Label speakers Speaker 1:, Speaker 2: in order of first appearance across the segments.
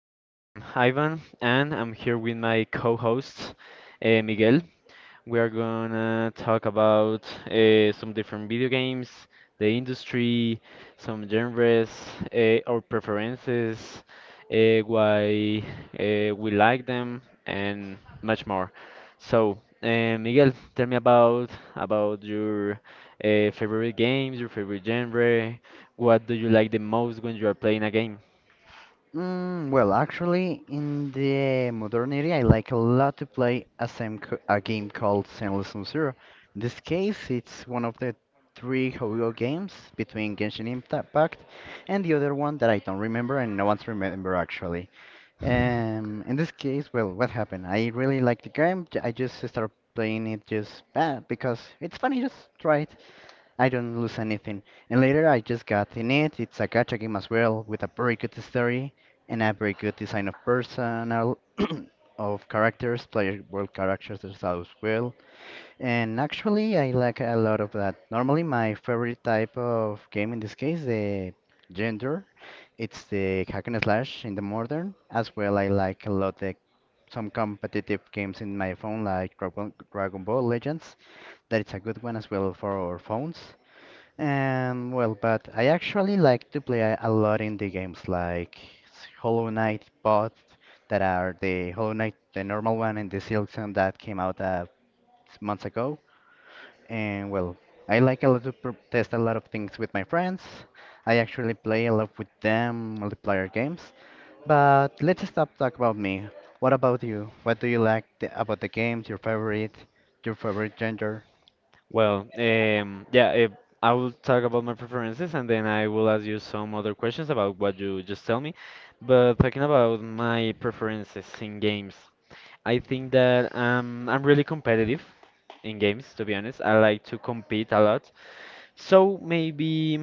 Speaker 1: I am Ivan and I'm here with my co host, Miguel. We are gonna talk about some different video games, the industry, some genres, our preferences, why we like them, and much more. So, Miguel, tell me about your favorite games, your favorite genre. What do you like the most when you are playing a game?
Speaker 2: Well, in the modernity, I like a lot to play a, same co a game called Zenless Zone Zero. In this case, it's one of the three Hogo games between Genshin Impact and the other one that I don't remember and no one's remember actually. In this case, well, what happened? I really like the game. I just started playing it just because it's funny. Just try it. I don't lose anything. And later I just got in it. It's a gacha game as well, with a very good story and a very good design of personal of characters, player world characters as well. And actually, I like a lot of that. Normally, my favorite type of game in this case, the gender, it's the hack and slash in the modern. As well, I like a lot the some competitive games in my phone like Dragon Ball Legends. That it's a good one as well for our phones. But I actually like to play a lot in the games like Hollow Knight bot that are the Hollow Knight, the normal one, and the Silk Song that came out months ago. And well, I like a lot to pr test a lot of things with my friends. I actually play a lot with them, multiplayer games. But let's stop talk about me. What about you? What do you like the, about the games? Your favorite? Your favorite genre?
Speaker 1: Well, yeah, I will talk about my preferences and then I will ask you some other questions about what you just tell me. But talking about my preferences in games, I think that I'm really competitive in games, to be honest. I like to compete a lot. So maybe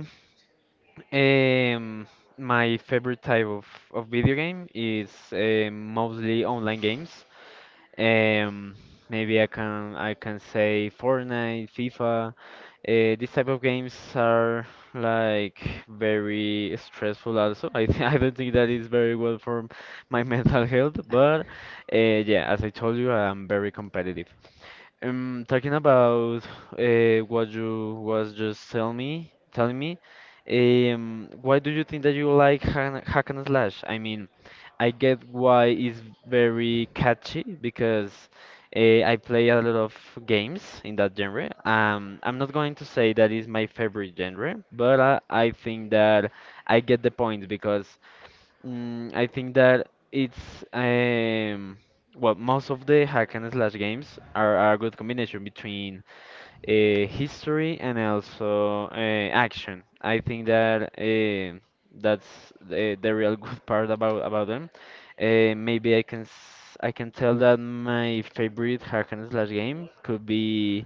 Speaker 1: um, my favorite type of video game is mostly online games. Um, maybe I can say Fortnite, FIFA. These type of games are like very stressful also. I th I don't think that is very well for my mental health, but uh, yeah, as I told you, I'm very competitive. Talking about what you was telling me, why do you think that you like hack and slash? I mean, I get why it's very catchy because I play a lot of games in that genre. I'm not going to say that is my favorite genre, but I think that I get the point because mm, I think that it's well most of the hack and slash games are a good combination between history and also action. I think that that's the real good part about them. Maybe I can s- I can tell that my favorite hack and slash game could be.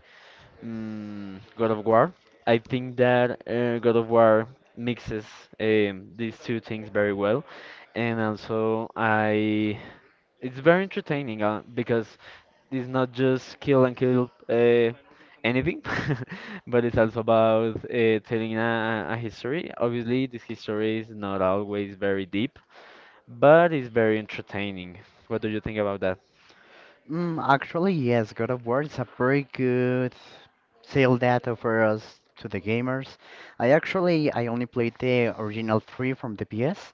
Speaker 1: Mm, God of War. I think that God of War mixes these two things very well, and also I it's very entertaining because it's not just kill and kill anything, but it's also about telling a history. Obviously, this history is not always very deep, but it's very entertaining. What do you think about that?
Speaker 2: Mm, actually, yes, God of War is a pretty good sale data for us to the gamers. I only played the original three from the PS,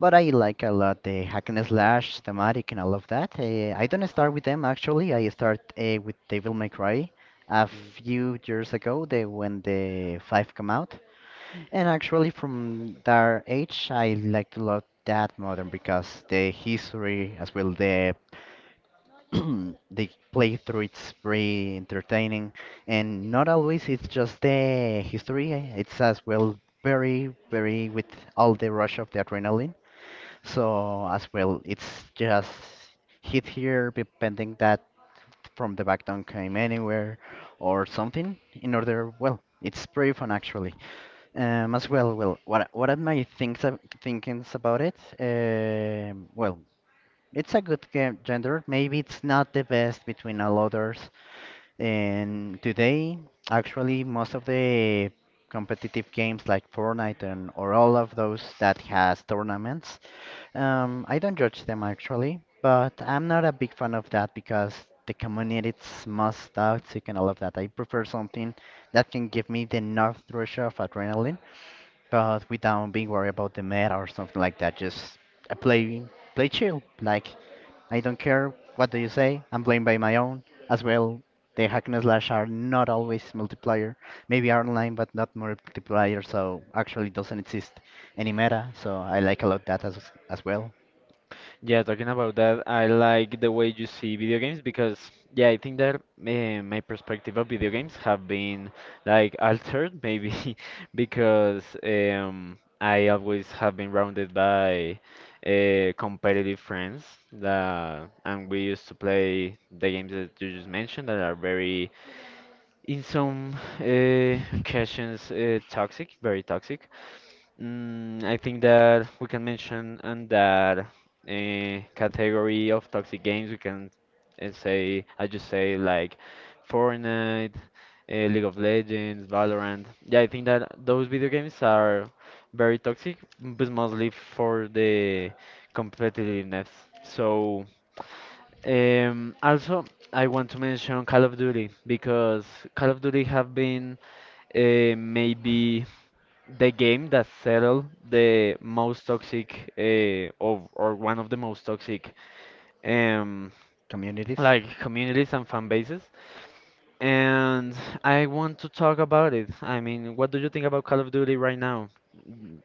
Speaker 2: but I like a lot the hack and slash thematic and all of that. I don't start with them actually. I start with Devil May Cry a few years ago, they when the five come out. And actually, from that age, I like to love that modern because the history as well the the playthrough it's very entertaining, and not always it's just the history, eh? It's as well very with all the rush of the adrenaline, so as well it's just hit here depending that from the back don't came anywhere or something in order. Well, it's pretty fun actually. As well, what are my things I'm thinkings about it. Well, it's a good game gender. Maybe it's not the best between all others. And today, actually, most of the competitive games like Fortnite and or all of those that has tournaments, I don't judge them actually, but I'm not a big fan of that because the community is most toxic and all of that. I prefer something that can give me the enough rush of adrenaline, but without being worried about the meta or something like that. Just uh, play play chill, like I don't care. What do you say? I'm blamed by my own. As well, the hack and slash are not always multiplayer. Maybe are online, but not multiplayer, so actually doesn't exist any meta. So I like a lot that as well.
Speaker 1: Yeah, talking about that, I like the way you see video games because, yeah, I think that my perspective of video games have been like altered maybe because I always have been rounded by competitive friends and we used to play the games that you just mentioned that are very, in some occasions, toxic, very toxic. Mm, I think that we can mention on that category of toxic games, I just say like Fortnite, League of Legends, Valorant. Yeah, I think that those video games are very toxic, but mostly for the competitiveness. So, also, I want to mention Call of Duty because Call of Duty have been maybe the game that settled the most toxic of or one of the most toxic um
Speaker 2: Communities.
Speaker 1: like communities and fan bases and I want to talk about it. I mean, what do you think about Call of Duty right now?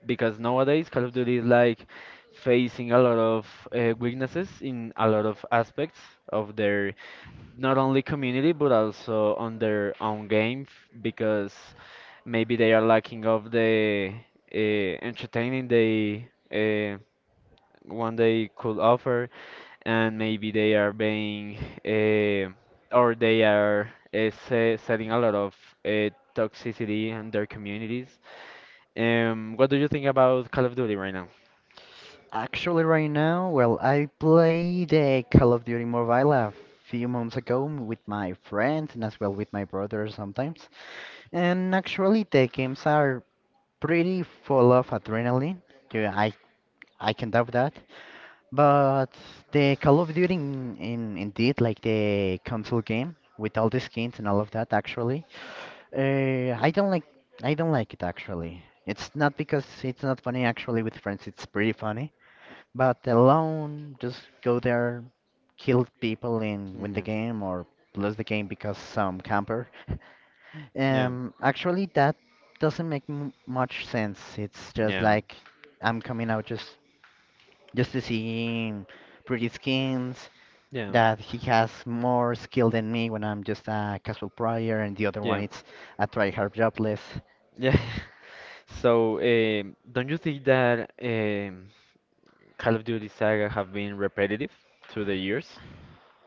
Speaker 1: Because nowadays Call of Duty is like facing a lot of weaknesses in a lot of aspects of their not only community but also on their own game, because maybe they are lacking of the entertaining they uh, one day could offer, and maybe they are being uh, or they are se setting a lot of uh, toxicity in their communities. What do you think about Call of Duty right now?
Speaker 2: Actually, right now, well, I played the Call of Duty Mobile a few months ago with my friends and as well with my brother sometimes. And actually, the games are pretty full of adrenaline. Yeah, I can doubt that. But the Call of Duty indeed, like the console game with all the skins and all of that actually. Uh, I don't like I don't like it actually. It's not because it's not funny actually with friends, it's pretty funny. But alone, just go there, kill people and win the
Speaker 1: Yeah,
Speaker 2: game or lose the game because some camper.
Speaker 1: yeah,
Speaker 2: Actually that doesn't make m much sense. It's just
Speaker 1: yeah,
Speaker 2: like I'm coming out just to see pretty skins
Speaker 1: yeah,
Speaker 2: that he has more skill than me when I'm just a casual player, and the other
Speaker 1: yeah,
Speaker 2: one it's a tryhard jobless.
Speaker 1: yeah. So, don't you think that Call of Duty saga have been repetitive through the years?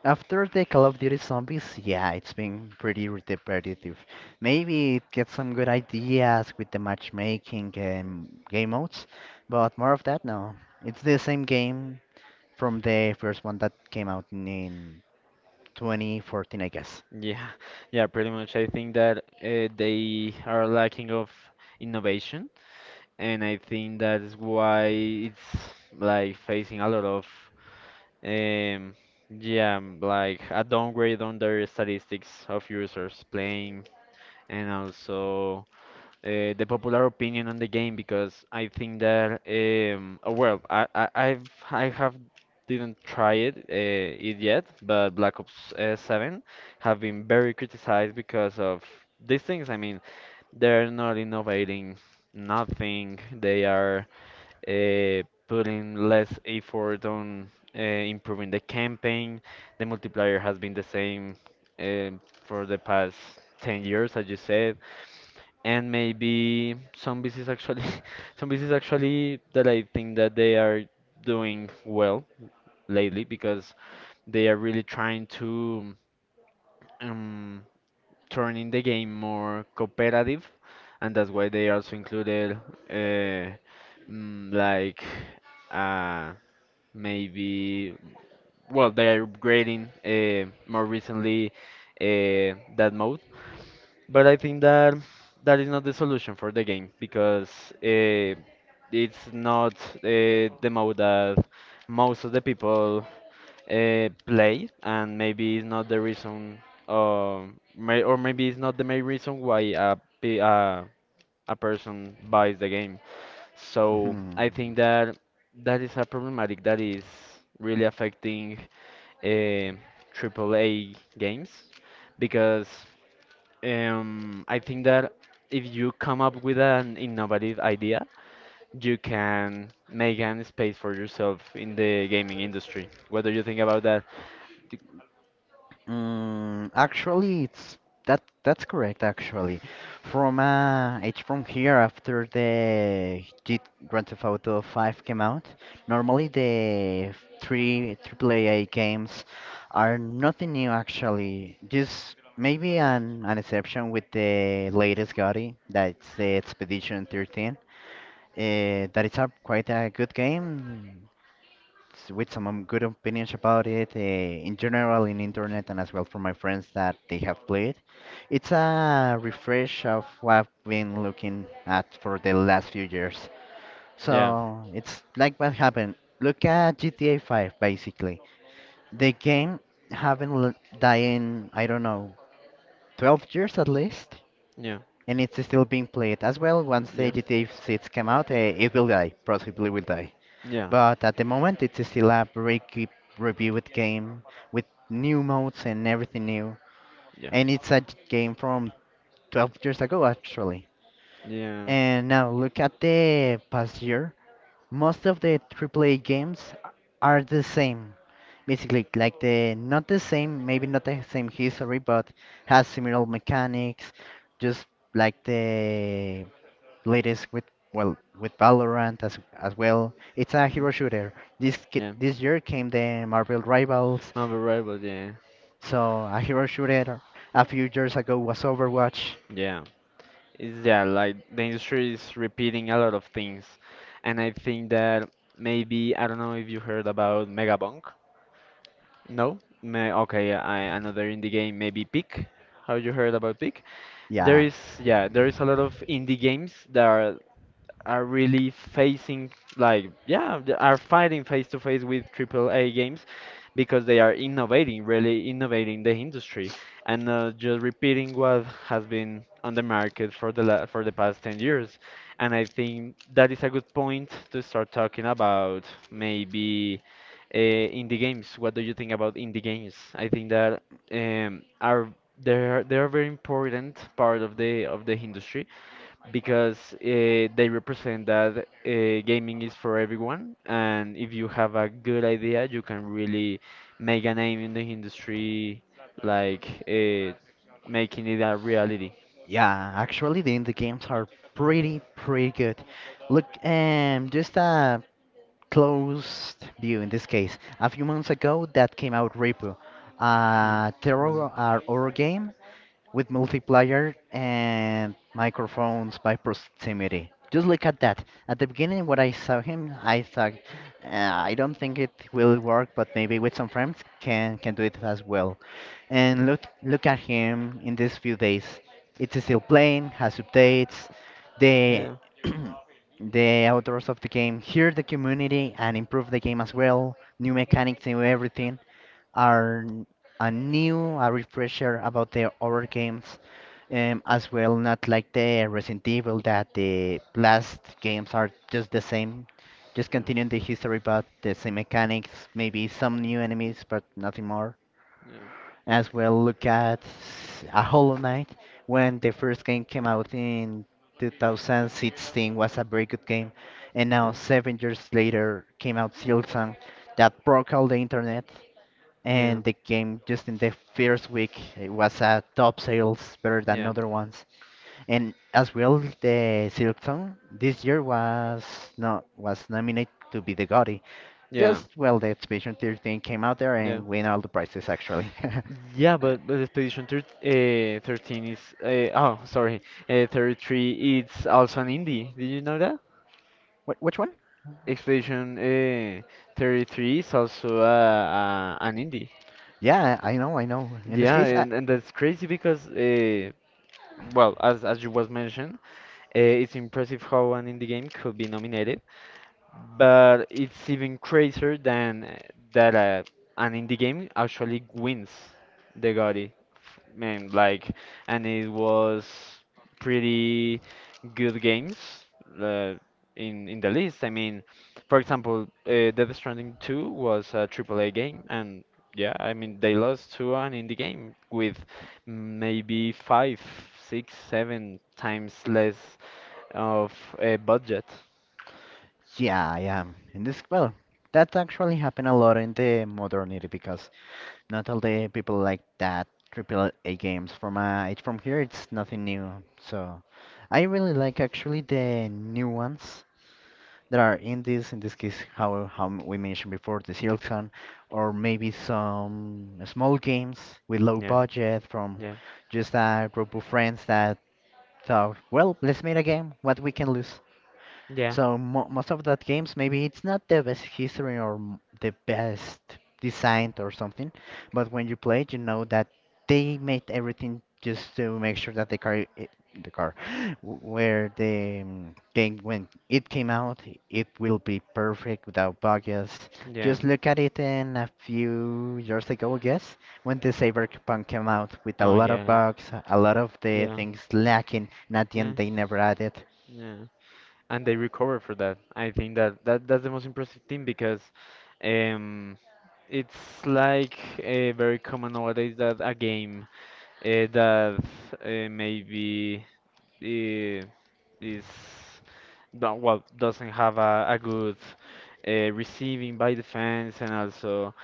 Speaker 2: After the Call of Duty Zombies, yeah, it's been pretty repetitive. Maybe it gets some good ideas with the matchmaking and game modes, but more of that, no. It's the same game from the first one that came out in 2014, I guess.
Speaker 1: Yeah, yeah, pretty much. I think that they are lacking of innovation and I think that's why it's like facing a lot of um yeah, like a downgrade on their statistics of users playing and also the popular opinion on the game because I think that oh, I have didn't try it yet, but Black Ops 7 have been very criticized because of these things. I mean they're not innovating nothing. They are putting less effort on improving the campaign. The multiplier has been the same uh, for the past 10 years, as you said. And maybe some business actually, some business actually that I think that they are doing well lately because they are really trying to. Um, turning the game more cooperative, and that's why they also included uh, mm, like uh, maybe well they are upgrading more recently that mode. But I think that that is not the solution for the game because uh, it's not the mode that most of the people play, and maybe it's not the reason, uh, or maybe it's not the main reason why pe- a, a person buys the game. So
Speaker 2: Mhm.
Speaker 1: I think that that is a problematic that is really affecting uh, AAA games because I think that if you come up with an innovative idea, you can make an space for yourself in the gaming industry. What do you think about that? D-
Speaker 2: Mm, actually, it's that's correct actually. From here after the G Grand Theft Auto 5 came out. Normally the three AAA games are nothing new actually. Just maybe an exception with the latest GOTY, that's the Expedition 13. That is a quite a good game with some good opinions about it in general in internet and as well from my friends that they have played. It's a refresh of what I've been looking at for the last few years.
Speaker 1: Yeah.
Speaker 2: So it's like what happened. Look at GTA 5 basically. The game haven't died in I don't know 12 years at least.
Speaker 1: Yeah,
Speaker 2: And it's still being played as well. Once
Speaker 1: yeah,
Speaker 2: the GTA 6 came out, it will die. Possibly will die.
Speaker 1: yeah,
Speaker 2: But at the moment, it's still a break reviewed game with new modes and everything new.
Speaker 1: yeah,
Speaker 2: And it's a game from 12 years ago, actually.
Speaker 1: yeah,
Speaker 2: And now look at the past year. Most of the AAA games are the same. Basically, like the not the same, maybe not the same history, but has similar mechanics, just like the latest with with Valorant as well. It's a
Speaker 1: mm,
Speaker 2: hero shooter.
Speaker 1: yeah.
Speaker 2: This year came the Marvel Rivals,
Speaker 1: Unbelievable, yeah,
Speaker 2: so a hero shooter. A few years ago was Overwatch.
Speaker 1: yeah. It's yeah, like the industry is repeating a lot of things, and I think that maybe I don't know if you heard about Megabonk. No? May okay, yeah, I another indie game, maybe Peak. Have you heard about Peak? There
Speaker 2: Yeah,
Speaker 1: is yeah, there is a lot of indie games that are really facing like yeah they are fighting face to face with AAA games because they are innovating really innovating the industry and not just repeating what has been on the market for the la for the past 10 years and I think that is a good point to start talking about maybe indie games. What do you think about indie games? I think that are they're a very important part of the industry because they represent that gaming is for everyone, and if you have a good idea, you can really make a name in the industry, like making it a reality.
Speaker 2: yeah. Actually, the indie games are pretty good. Look, just a closed view in this case. A few months ago, that came out Repo,
Speaker 1: Mm,
Speaker 2: a
Speaker 1: mm,
Speaker 2: terror horror game with multiplayer and microphones by proximity. Just look at that. At the beginning, when I saw him, I thought, I don't think it will work, but maybe with some friends can do it as well. And look at him in these few days. It's still playing, has updates. The
Speaker 1: yeah.
Speaker 2: the authors of the game hear the community and improve the game as well. New
Speaker 1: Mm,
Speaker 2: mechanics, new everything are a new a refresher about the other games, as well not like the Resident Evil that the last games are just the same, just
Speaker 1: yeah.
Speaker 2: continuing the history but the same mechanics, maybe some new enemies but nothing more. As well, look at s- a Hollow Knight when the first game came out in 2016 was a very good game, and now
Speaker 1: Yeah.
Speaker 2: 7 years later came out Silksong that broke all the internet,
Speaker 1: Yeah. Yeah.
Speaker 2: and the game just in the first week it was a top sales better than
Speaker 1: Yeah.
Speaker 2: other ones. And as well the silksong this year was not was nominated to be the GOTY.
Speaker 1: Yeah.
Speaker 2: Just well the exhibition theater came out there
Speaker 1: Yeah.
Speaker 2: and win all the prizes actually.
Speaker 1: Yeah, but, Expedition thir 13 is oh sorry, 33, it's also an indie. Did you know
Speaker 2: Which one?
Speaker 1: Expedition 33 is also an indie.
Speaker 2: Yeah, I know in this
Speaker 1: Yeah,
Speaker 2: case I,
Speaker 1: and that's crazy because, well, as you was mentioned, it's impressive how an indie game could be nominated but it's even crazier than that an indie game actually wins the GOTY. F- Man, like, and it was pretty good games uh, in the list. I mean, for example, Death Stranding 2 was a triple A game, and yeah, I mean they lost to an indie game with maybe five, six, seven times less of a budget.
Speaker 2: yeah I am in this well that actually happened a lot in the modernity because not all the people like that triple A games. From here, it's nothing new. So I really like actually the new ones that are in this. In this case, how we mentioned before, the Silkson, or maybe some small games with low
Speaker 1: Yeah,
Speaker 2: budget from
Speaker 1: yeah.
Speaker 2: just a group of friends that thought, well, let's make a game. What we can lose.
Speaker 1: Yeah,
Speaker 2: So mo most of that games, maybe it's not the best history or the best designed or something, but when you play, it, you know that they made everything just to make sure that the car, the car, where the game when it came out, it will be perfect without bugs.
Speaker 1: yeah.
Speaker 2: Just look at it in a few years ago, I guess, when the Cyberpunk came out with a
Speaker 1: Oh,
Speaker 2: lot of
Speaker 1: yeah,
Speaker 2: bugs, a lot of the
Speaker 1: yeah,
Speaker 2: things lacking, and at the
Speaker 1: yeah,
Speaker 2: end they never added.
Speaker 1: yeah. And they recover for that. I think that, that's the most impressive thing because um, it's like very common nowadays that a game that maybe eh, is don't, well doesn't have a good receiving by defense and also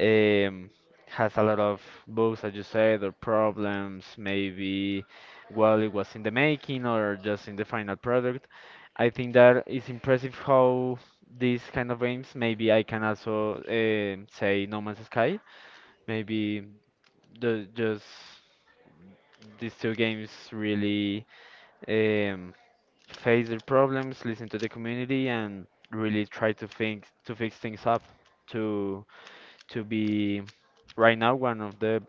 Speaker 1: um, has a lot of bugs as you said or problems maybe while it was in the making or just in the final product. I think that is impressive how these kind of games, maybe I can also say No Man's Sky, maybe the just these two games really um, face their problems, listen to the community, and really try to think to fix things up to to be right now one of the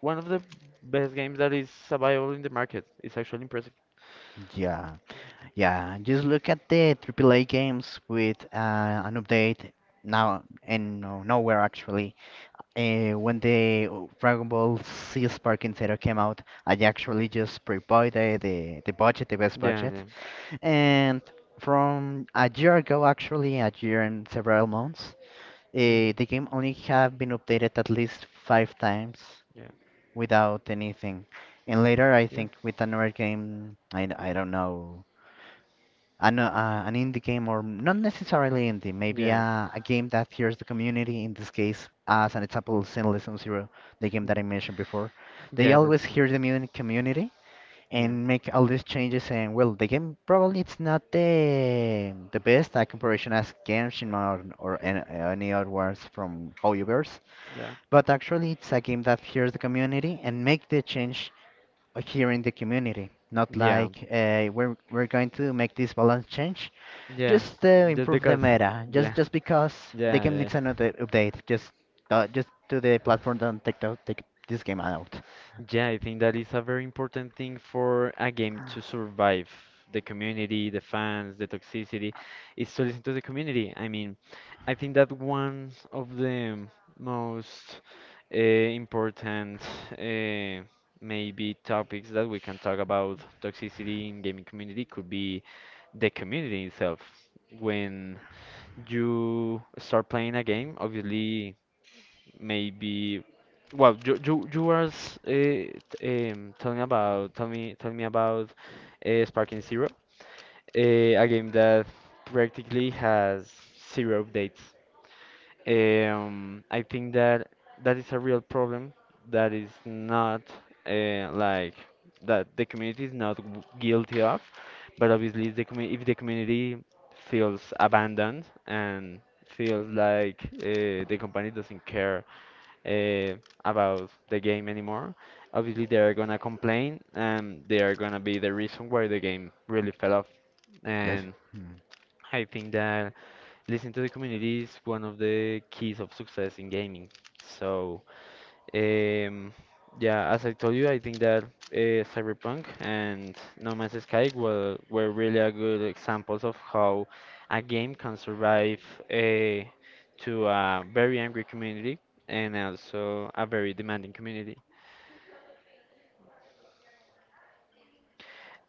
Speaker 1: one of the best games that is available in the market. It's actually impressive.
Speaker 2: Yeah. Yeah, just look at the Triple A games with an update now and no, nowhere actually. When the Dragon Ball Z Spark Zero came out, I actually just pre-bought the budget, the best
Speaker 1: Yeah,
Speaker 2: budget,
Speaker 1: yeah,
Speaker 2: and from a year ago, actually a year and several months,
Speaker 1: yeah,
Speaker 2: the game only have been updated at least 5 times
Speaker 1: yeah,
Speaker 2: without anything. And later, I
Speaker 1: yeah,
Speaker 2: think with another game, I don't know an indie game, or not necessarily indie, maybe
Speaker 1: yeah,
Speaker 2: a game that hears the community. In this case, as an example, Sinlessum Zero, the game that I
Speaker 1: mm,
Speaker 2: mentioned before, they
Speaker 1: yeah. That's
Speaker 2: always
Speaker 1: true.
Speaker 2: hear the community
Speaker 1: Yeah,
Speaker 2: and make all these changes. And well, the game probably it's not the best at comparison as Genshin or, any other ones from Hoyoverse,
Speaker 1: yeah,
Speaker 2: but actually it's a game that hears the community and make the change here in the community. Not
Speaker 1: yeah,
Speaker 2: like we're going to make this balance change
Speaker 1: yeah.
Speaker 2: just
Speaker 1: Just
Speaker 2: improve the
Speaker 1: because.
Speaker 2: meta, just
Speaker 1: Yeah,
Speaker 2: just because the game
Speaker 1: yeah,
Speaker 2: needs an update. Just to the platform don't take take this game out.
Speaker 1: yeah, I think that is a very important thing for a game to survive. The community, the fans, the toxicity, is to listen to the community. I mean, I think that one of the most important uh, maybe topics that we can talk about toxicity in gaming community could be the community itself. When you start playing a game, obviously maybe well you were s- eh, t- telling about tell me about Sparking Zero, a game that practically has zero updates. I think that that is a real problem. That is not like that the community is not guilty of, but obviously the commu if the community feels abandoned and feels like the company doesn't care uh, about the game anymore. Obviously, they are gonna complain, and they are gonna be the reason why the game really fell off.
Speaker 2: Yes.
Speaker 1: And
Speaker 2: Hmm.
Speaker 1: I think that listening to the community is one of the keys of success in gaming. So um, yeah, as I told you, I think that Cyberpunk and No Man's Sky were really a good examples of how a game can survive uh, to a very angry community and also a very demanding community.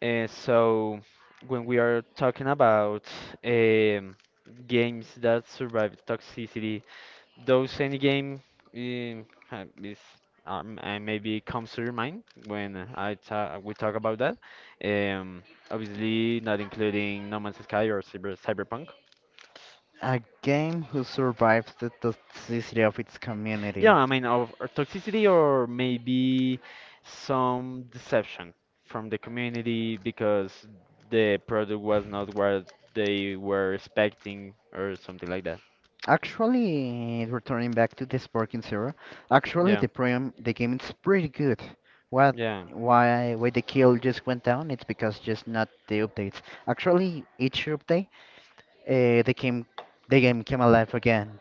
Speaker 1: So when we are talking about um, games that survive toxicity, those any game ha- is maybe comes to your mind when I ta we talk about that. Um, obviously not including No Man's Sky or Cyberpunk.
Speaker 2: A game who survives the toxicity of its
Speaker 1: Yeah,
Speaker 2: community.
Speaker 1: I mean of or toxicity or maybe some deception from the community because the product was not what they were expecting or something like that.
Speaker 2: Actually, returning back to the Sparking Zero, actually
Speaker 1: Yeah,
Speaker 2: the program, the game is pretty good. What
Speaker 1: yeah.
Speaker 2: why the kill just went down? It's because just not the updates. Actually, each update, uh, the game the game came alive again.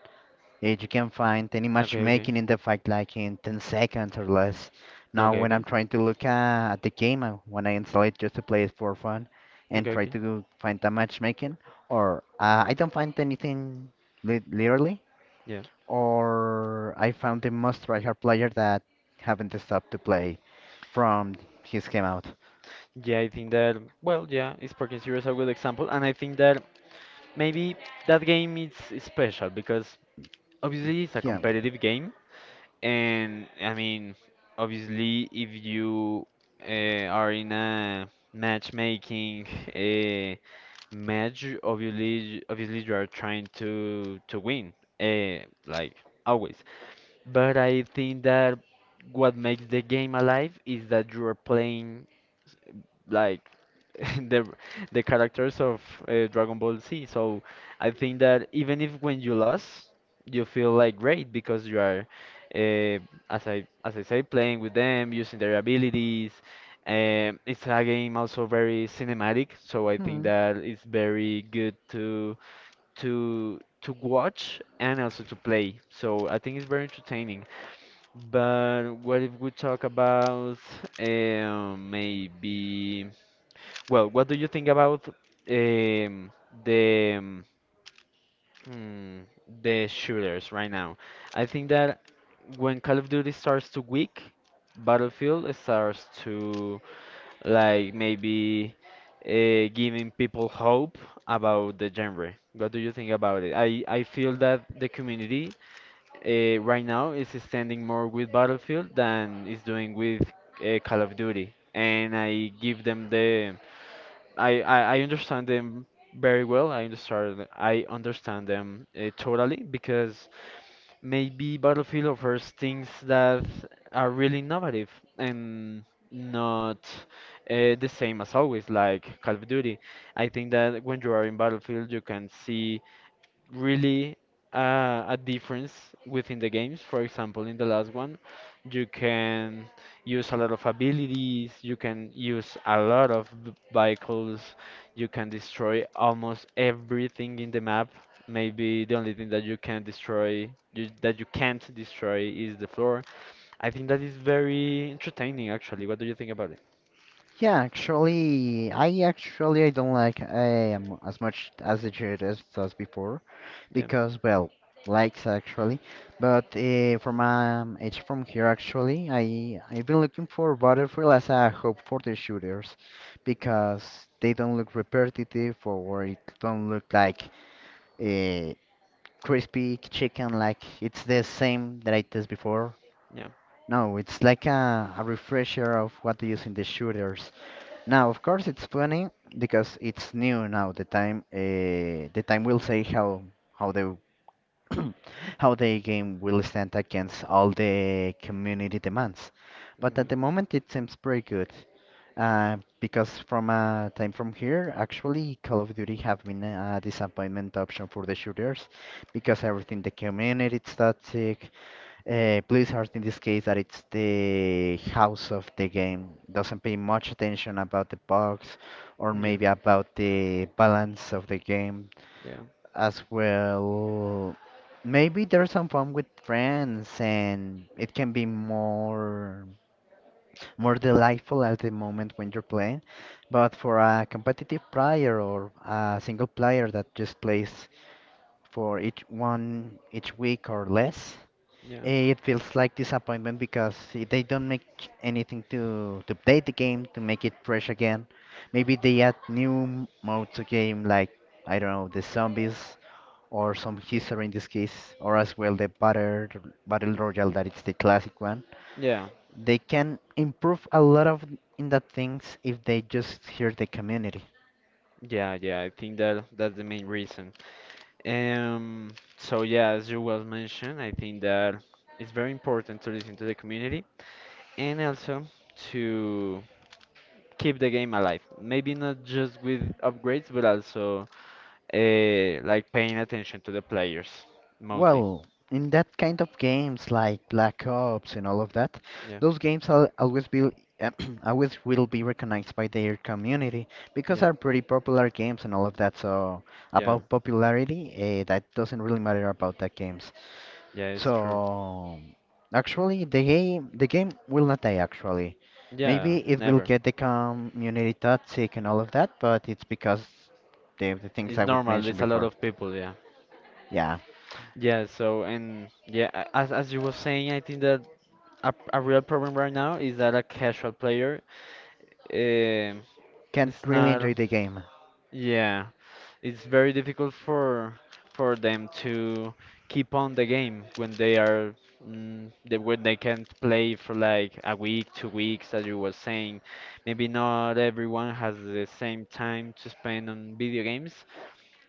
Speaker 2: Yeah, you can find any
Speaker 1: Okay, okay.
Speaker 2: matchmaking in the fight like in 10 seconds or less. Now,
Speaker 1: Okay,
Speaker 2: when I'm
Speaker 1: okay.
Speaker 2: trying to look at the game, when I install it just to play it for fun and
Speaker 1: Okay,
Speaker 2: try
Speaker 1: okay.
Speaker 2: to go find the matchmaking, or I don't find anything li literally,
Speaker 1: Yeah.
Speaker 2: or I found the most tryhard player that haven't stopped to play from his game out.
Speaker 1: Yeah, I think that, well, yeah, is Parking Zero is a good example, and I think that maybe that game is special because obviously it's a
Speaker 2: Yeah.
Speaker 1: competitive game, and I mean, obviously, if you are in a matchmaking uh, match, obviously you are trying to win, like always. But I think that what makes the game alive is that you are playing like the the characters of Dragon Ball Z. So I think that even if when you lost, you feel like great because you are, uh, as I say, playing with them, using their abilities. It's a game also very cinematic, so I think
Speaker 2: Hmm.
Speaker 1: that it's very good to watch and also to play. So I think it's very entertaining. But what if we talk about maybe? Well, what do you think about the um, mm, the shooters right now? I think that when Call of Duty starts to weak, Battlefield starts to like maybe giving people hope about the genre. What do you think about it? I feel that the community right now is standing more with Battlefield than is doing with Call of Duty, and I give them the I understand them very well. I understand them totally because maybe Battlefield offers things that are really innovative and not the same as always, like Call of Duty. I think that when you are in Battlefield, you can see really a difference within the games. For example, in the last one, you can use a lot of abilities, you can use a lot of vehicles, you can destroy almost everything in the map. Maybe the only thing that you can destroy, that you can't destroy, is the floor. I think that is very entertaining, actually. What do you think about it?
Speaker 2: Yeah, actually I don't like as much as the should as does before
Speaker 1: Yeah,
Speaker 2: because well likes actually, but from it's from here actually I've been looking for Battlefield as a hope for the shooters because they don't look repetitive or it don't look like a crispy chicken like it's the same that I tasted before.
Speaker 1: yeah,
Speaker 2: No, it's like a refresher of what they use in the shooters. Now, of course, it's funny because it's new now. The time will say how the how the game will stand against all the community demands. But at
Speaker 1: okay.
Speaker 2: the moment, it seems pretty good. Because from time from here, actually, Call of Duty have been a disappointment option for the shooters because everything the community is toxic, Blizzard in this case that it's the house of the game doesn't pay much attention about the bugs or
Speaker 1: Yeah,
Speaker 2: maybe about the balance of the game
Speaker 1: yeah,
Speaker 2: as well. Maybe there's some fun with friends and it can be more more delightful at the moment when you're playing. But for a competitive player or a single player that just plays for each one each week or less,
Speaker 1: yeah,
Speaker 2: It feels like disappointment because they don't make anything to update the game to make it fresh again. Maybe they add new modes to game like I don't know the zombies or some history in this case, or as well the battle royale that it's the classic one.
Speaker 1: yeah,
Speaker 2: They can improve a lot of in that things if they just hear the community.
Speaker 1: yeah, yeah. I think that that's the main reason. So yeah, as you well mentioned, I think that it's very important to listen to the community and also to keep the game alive. Maybe not just with upgrades, but also like paying attention to the players mostly.
Speaker 2: Well, in that kind of games like Black Ops and all of that,
Speaker 1: Yeah,
Speaker 2: those games al always be always will be recognized by their community because
Speaker 1: yeah,
Speaker 2: are pretty popular games and all of that. So
Speaker 1: yeah,
Speaker 2: about popularity, that doesn't really matter about that games.
Speaker 1: yeah. It's true.
Speaker 2: So actually, the game will not die actually. Maybe
Speaker 1: Yeah,
Speaker 2: it will
Speaker 1: never.
Speaker 2: get the community toxic and all of that, but it's because the things
Speaker 1: It's
Speaker 2: I would
Speaker 1: normal.
Speaker 2: mention
Speaker 1: There's a lot
Speaker 2: before.
Speaker 1: of people. Yeah,
Speaker 2: Yeah,
Speaker 1: yeah. So and yeah, as you were saying, I think that a real problem right now is that a casual player. um.
Speaker 2: can't
Speaker 1: It's
Speaker 2: really
Speaker 1: not,
Speaker 2: enjoy the game.
Speaker 1: yeah, it's very difficult for them to keep on the game when they are when they can't play for like a week, 2 weeks, as you were saying. Maybe not everyone has the same time to spend on video games,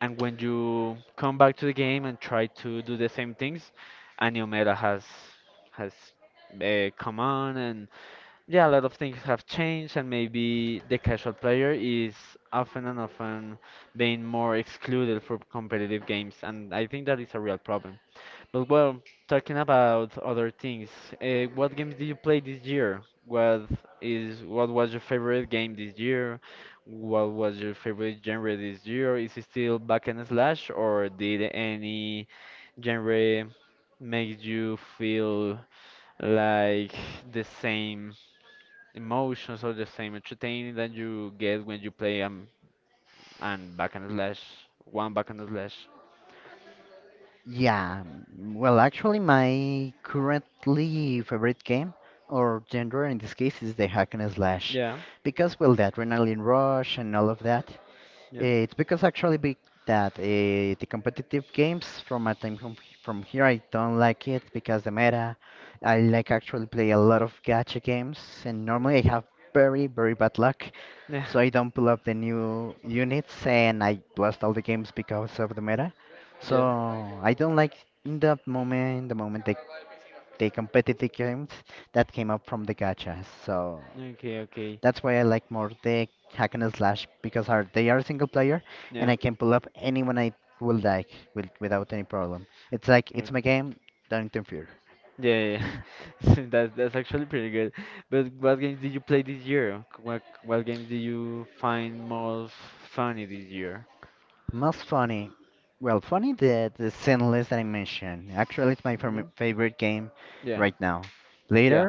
Speaker 1: and when you come back to the game and try to do the same things, Andromeda has come on and yeah, a lot of things have changed, and maybe the casual player is often and often being more excluded from competitive games, and I think that is a real problem. But well, talking about other things, what games did you play this year? What is what was your favorite game this year? What was your favorite genre this year? Is it still back and slash, or did any genre make you feel like the same emotions or the same entertaining that you get when you play and back and slash one back and slash.
Speaker 2: Yeah, well, actually, my currently favorite game or genre in this case is the hack and slash
Speaker 1: Yeah,
Speaker 2: because, well, the adrenaline rush and all of that.
Speaker 1: yeah,
Speaker 2: It's because actually be that the competitive games from my time from here I don't like it because the meta. I like actually play a lot of gacha games and normally I have very bad luck,
Speaker 1: yeah,
Speaker 2: so I don't pull up the new units and I lost all the games because of the meta. So
Speaker 1: yeah.
Speaker 2: I don't like in that moment the competitive games that came up from the gachas. So
Speaker 1: Okay, okay,
Speaker 2: that's why I like more the hack and slash because are they are single player and
Speaker 1: yeah,
Speaker 2: I can pull up anyone I would like without any problem. It's like
Speaker 1: okay,
Speaker 2: it's my
Speaker 1: okay.
Speaker 2: game, don't interfere.
Speaker 1: Yeah, yeah. That's actually pretty good. But what games did you play this year? What games did you find most funny this year?
Speaker 2: Most funny. Well, funny the sin list that I mentioned. Actually, it's my
Speaker 1: Okay.
Speaker 2: favorite game
Speaker 1: Yeah,
Speaker 2: right now. Later,
Speaker 1: yeah.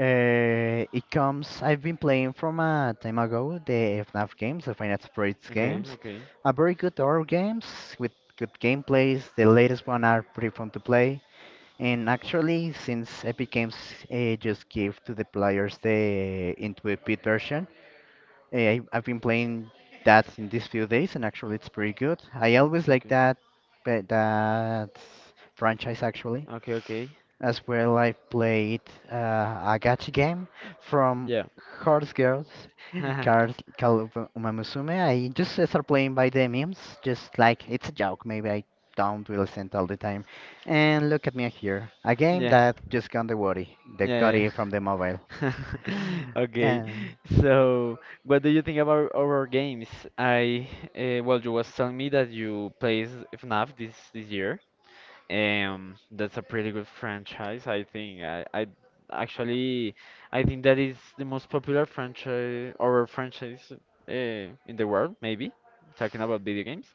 Speaker 2: it comes. I've been playing from a time ago the FNAF games, the Final Fantasy
Speaker 1: Okay,
Speaker 2: games,
Speaker 1: okay,
Speaker 2: are very good horror games with good gameplays. The latest one are pretty fun to play. And actually, since Epic Games just give to the players the Intuit version, I've been playing that in these few days, and actually, it's pretty good. I always like
Speaker 1: okay,
Speaker 2: that, but that franchise actually
Speaker 1: okay, okay.
Speaker 2: as well, I played a gacha game from
Speaker 1: Yeah.
Speaker 2: Horse Girls, Card called Umamusume. I just start playing by the memes, just like it's a joke. Maybe I don't really send all the time. And look at me here, a game
Speaker 1: Yeah,
Speaker 2: that just got the worry, the
Speaker 1: yeah, yeah.
Speaker 2: gory from the mobile.
Speaker 1: Okay,
Speaker 2: Uh,
Speaker 1: so what do you think about our games? I well, you was telling me that you plays FNAF this year. That's a pretty good franchise, I think. I actually I think that is the most popular franchise or franchise in the world, maybe. Talking about video games.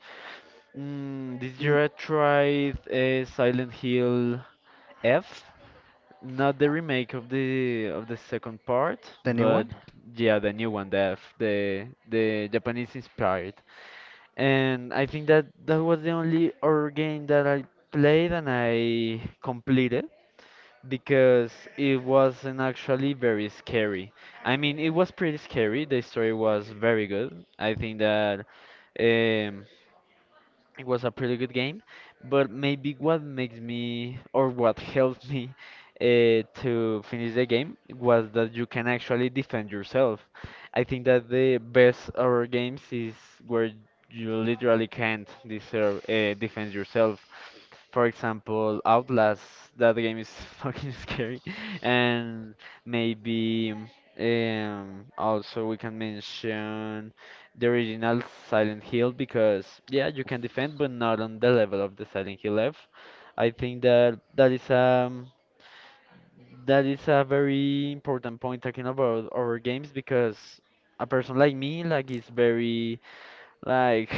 Speaker 1: Mm, this
Speaker 2: n-
Speaker 1: year I tried Silent Hill F. Not the remake of the second part,
Speaker 2: the new
Speaker 1: but
Speaker 2: one?
Speaker 1: yeah, the new one, the the Japanese inspired. And I think that that was the only horror game that I played and I completed because it wasn't actually very scary. I mean, it was pretty scary. The story was very good. I think that um, it was a pretty good game, but maybe what makes me or what helped me to finish the game was that you can actually defend yourself. I think that the best horror games is where you literally can't defend yourself. For example, Outlast, that game is fucking scary, and maybe also we can mention the original Silent Hill because yeah, you can defend, but not on the level of the Silent Hill F. I think that is a very important point talking about our games because a person like me like is very like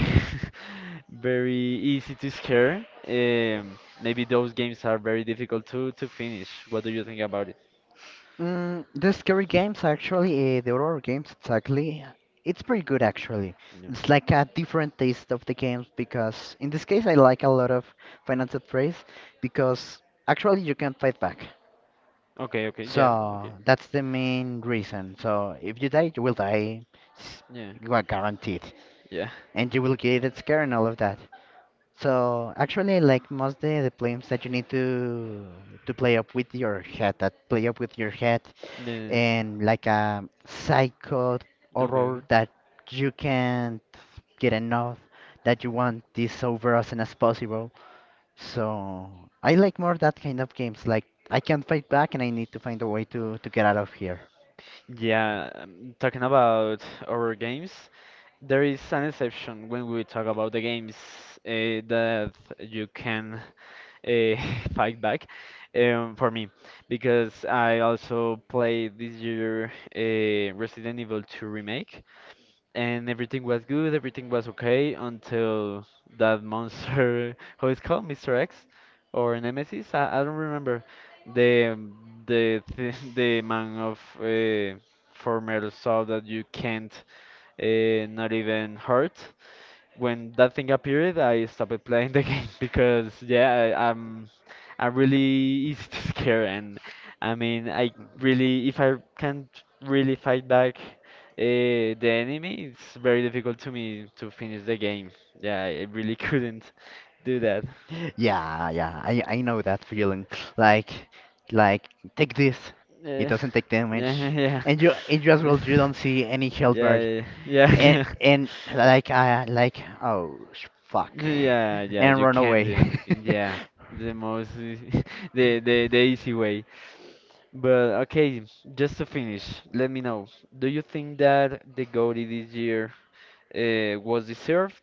Speaker 1: very easy to scare. Maybe those games are very difficult to finish. What do you think about it?
Speaker 2: The scary games, actually, the horror games, exactly. It's pretty good, actually.
Speaker 1: Yeah.
Speaker 2: It's like a different taste of the games because, in this case, I like a lot of Final Fantasy because actually you can fight back.
Speaker 1: Okay. Okay. Yeah.
Speaker 2: So
Speaker 1: Okay.
Speaker 2: that's the main reason. So if you die, you will die, s-
Speaker 1: Yeah.
Speaker 2: you are guaranteed,
Speaker 1: Yeah.
Speaker 2: and you will get scared and all of that. So actually, like most of the games that you need to play up with your head,
Speaker 1: Yeah.
Speaker 2: and like a psycho
Speaker 1: Okay, okay.
Speaker 2: horror that you can't get enough, that you want this over as soon as possible. So I like more that kind of games. Like I can't fight back, and I need to find a way to get out of here.
Speaker 1: Yeah, talking about our games, there is an exception when we talk about the games that you can uh, fight back for me, because I also played this year Resident Evil 2 Remake, and everything was good, everything was okay until that monster, how it's called, Mr. X or Nemesis, I don't remember. The the th the man of former saw that you can't not even hurt, when that thing appeared, I stopped playing the game because yeah, I'm really easy to scare, and I mean, I really if I can't really fight back the enemy, it's very difficult to me to finish the game. Yeah, I really couldn't do that.
Speaker 2: Yeah, yeah, I know that feeling. Like, like take this, it
Speaker 1: Yeah,
Speaker 2: doesn't take damage,
Speaker 1: yeah,
Speaker 2: and you in just well you don't see any health
Speaker 1: yeah,
Speaker 2: bar,
Speaker 1: yeah, yeah,
Speaker 2: and
Speaker 1: yeah.
Speaker 2: and like I like fuck,
Speaker 1: Yeah, yeah, yeah,
Speaker 2: and
Speaker 1: you
Speaker 2: run
Speaker 1: can do
Speaker 2: away.
Speaker 1: anything. Yeah, the most, the easy way. But okay, just to finish, let me know. Do you think that the GOATY this year was deserved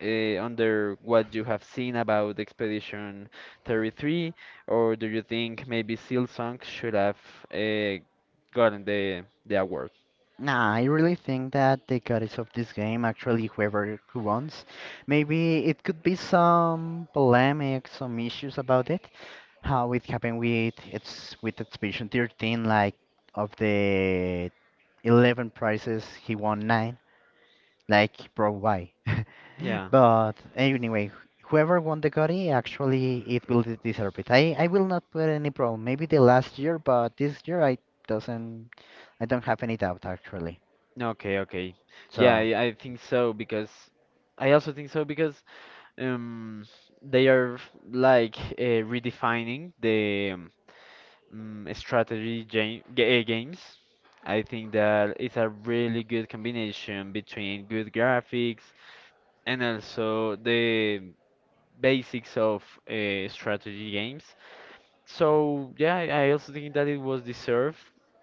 Speaker 1: under what you have seen about Expedition 33, or do you think maybe Silksong should have uh, gotten the award?
Speaker 2: Nah, I really think that the goddess of this game, actually, whoever who wants, maybe it could be some polemic, some issues about it. How it happened with it's with Expedition 13, like of the 11 prizes, he won nine. Like, bro, why?
Speaker 1: Yeah.
Speaker 2: But anyway, whoever won the Gotti, actually, it will deserve it. I will not put any problem. Maybe the last year, but this year I doesn't, I don't have any doubt actually.
Speaker 1: Okay, okay. Yeah,
Speaker 2: So,
Speaker 1: I, I think so because I also think so because um they are like redefining the strategy games. I think that it's a really good combination between good graphics and also the basics of strategy games. So yeah, I also think that it was deserved,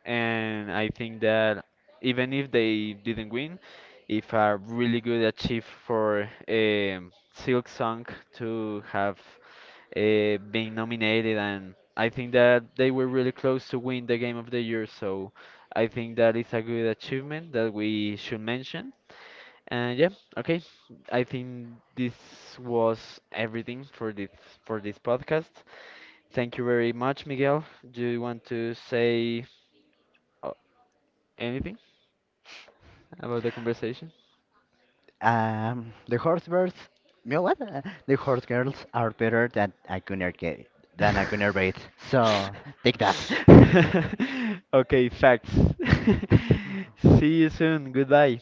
Speaker 1: and I think that even if they didn't win, if a really good achieve for Silk Song to have been nominated, and I think that they were really close to win the Game of the Year. So I think that is a good achievement that we should mention. And yeah, okay. I think this was everything for this podcast. Thank you very much, Miguel. Do you want to say uh, anything about the conversation?
Speaker 2: the horse birds, you know what? The horse girls are better than a than a gunner bait. So take that.
Speaker 1: Okay, facts. See you soon. Goodbye.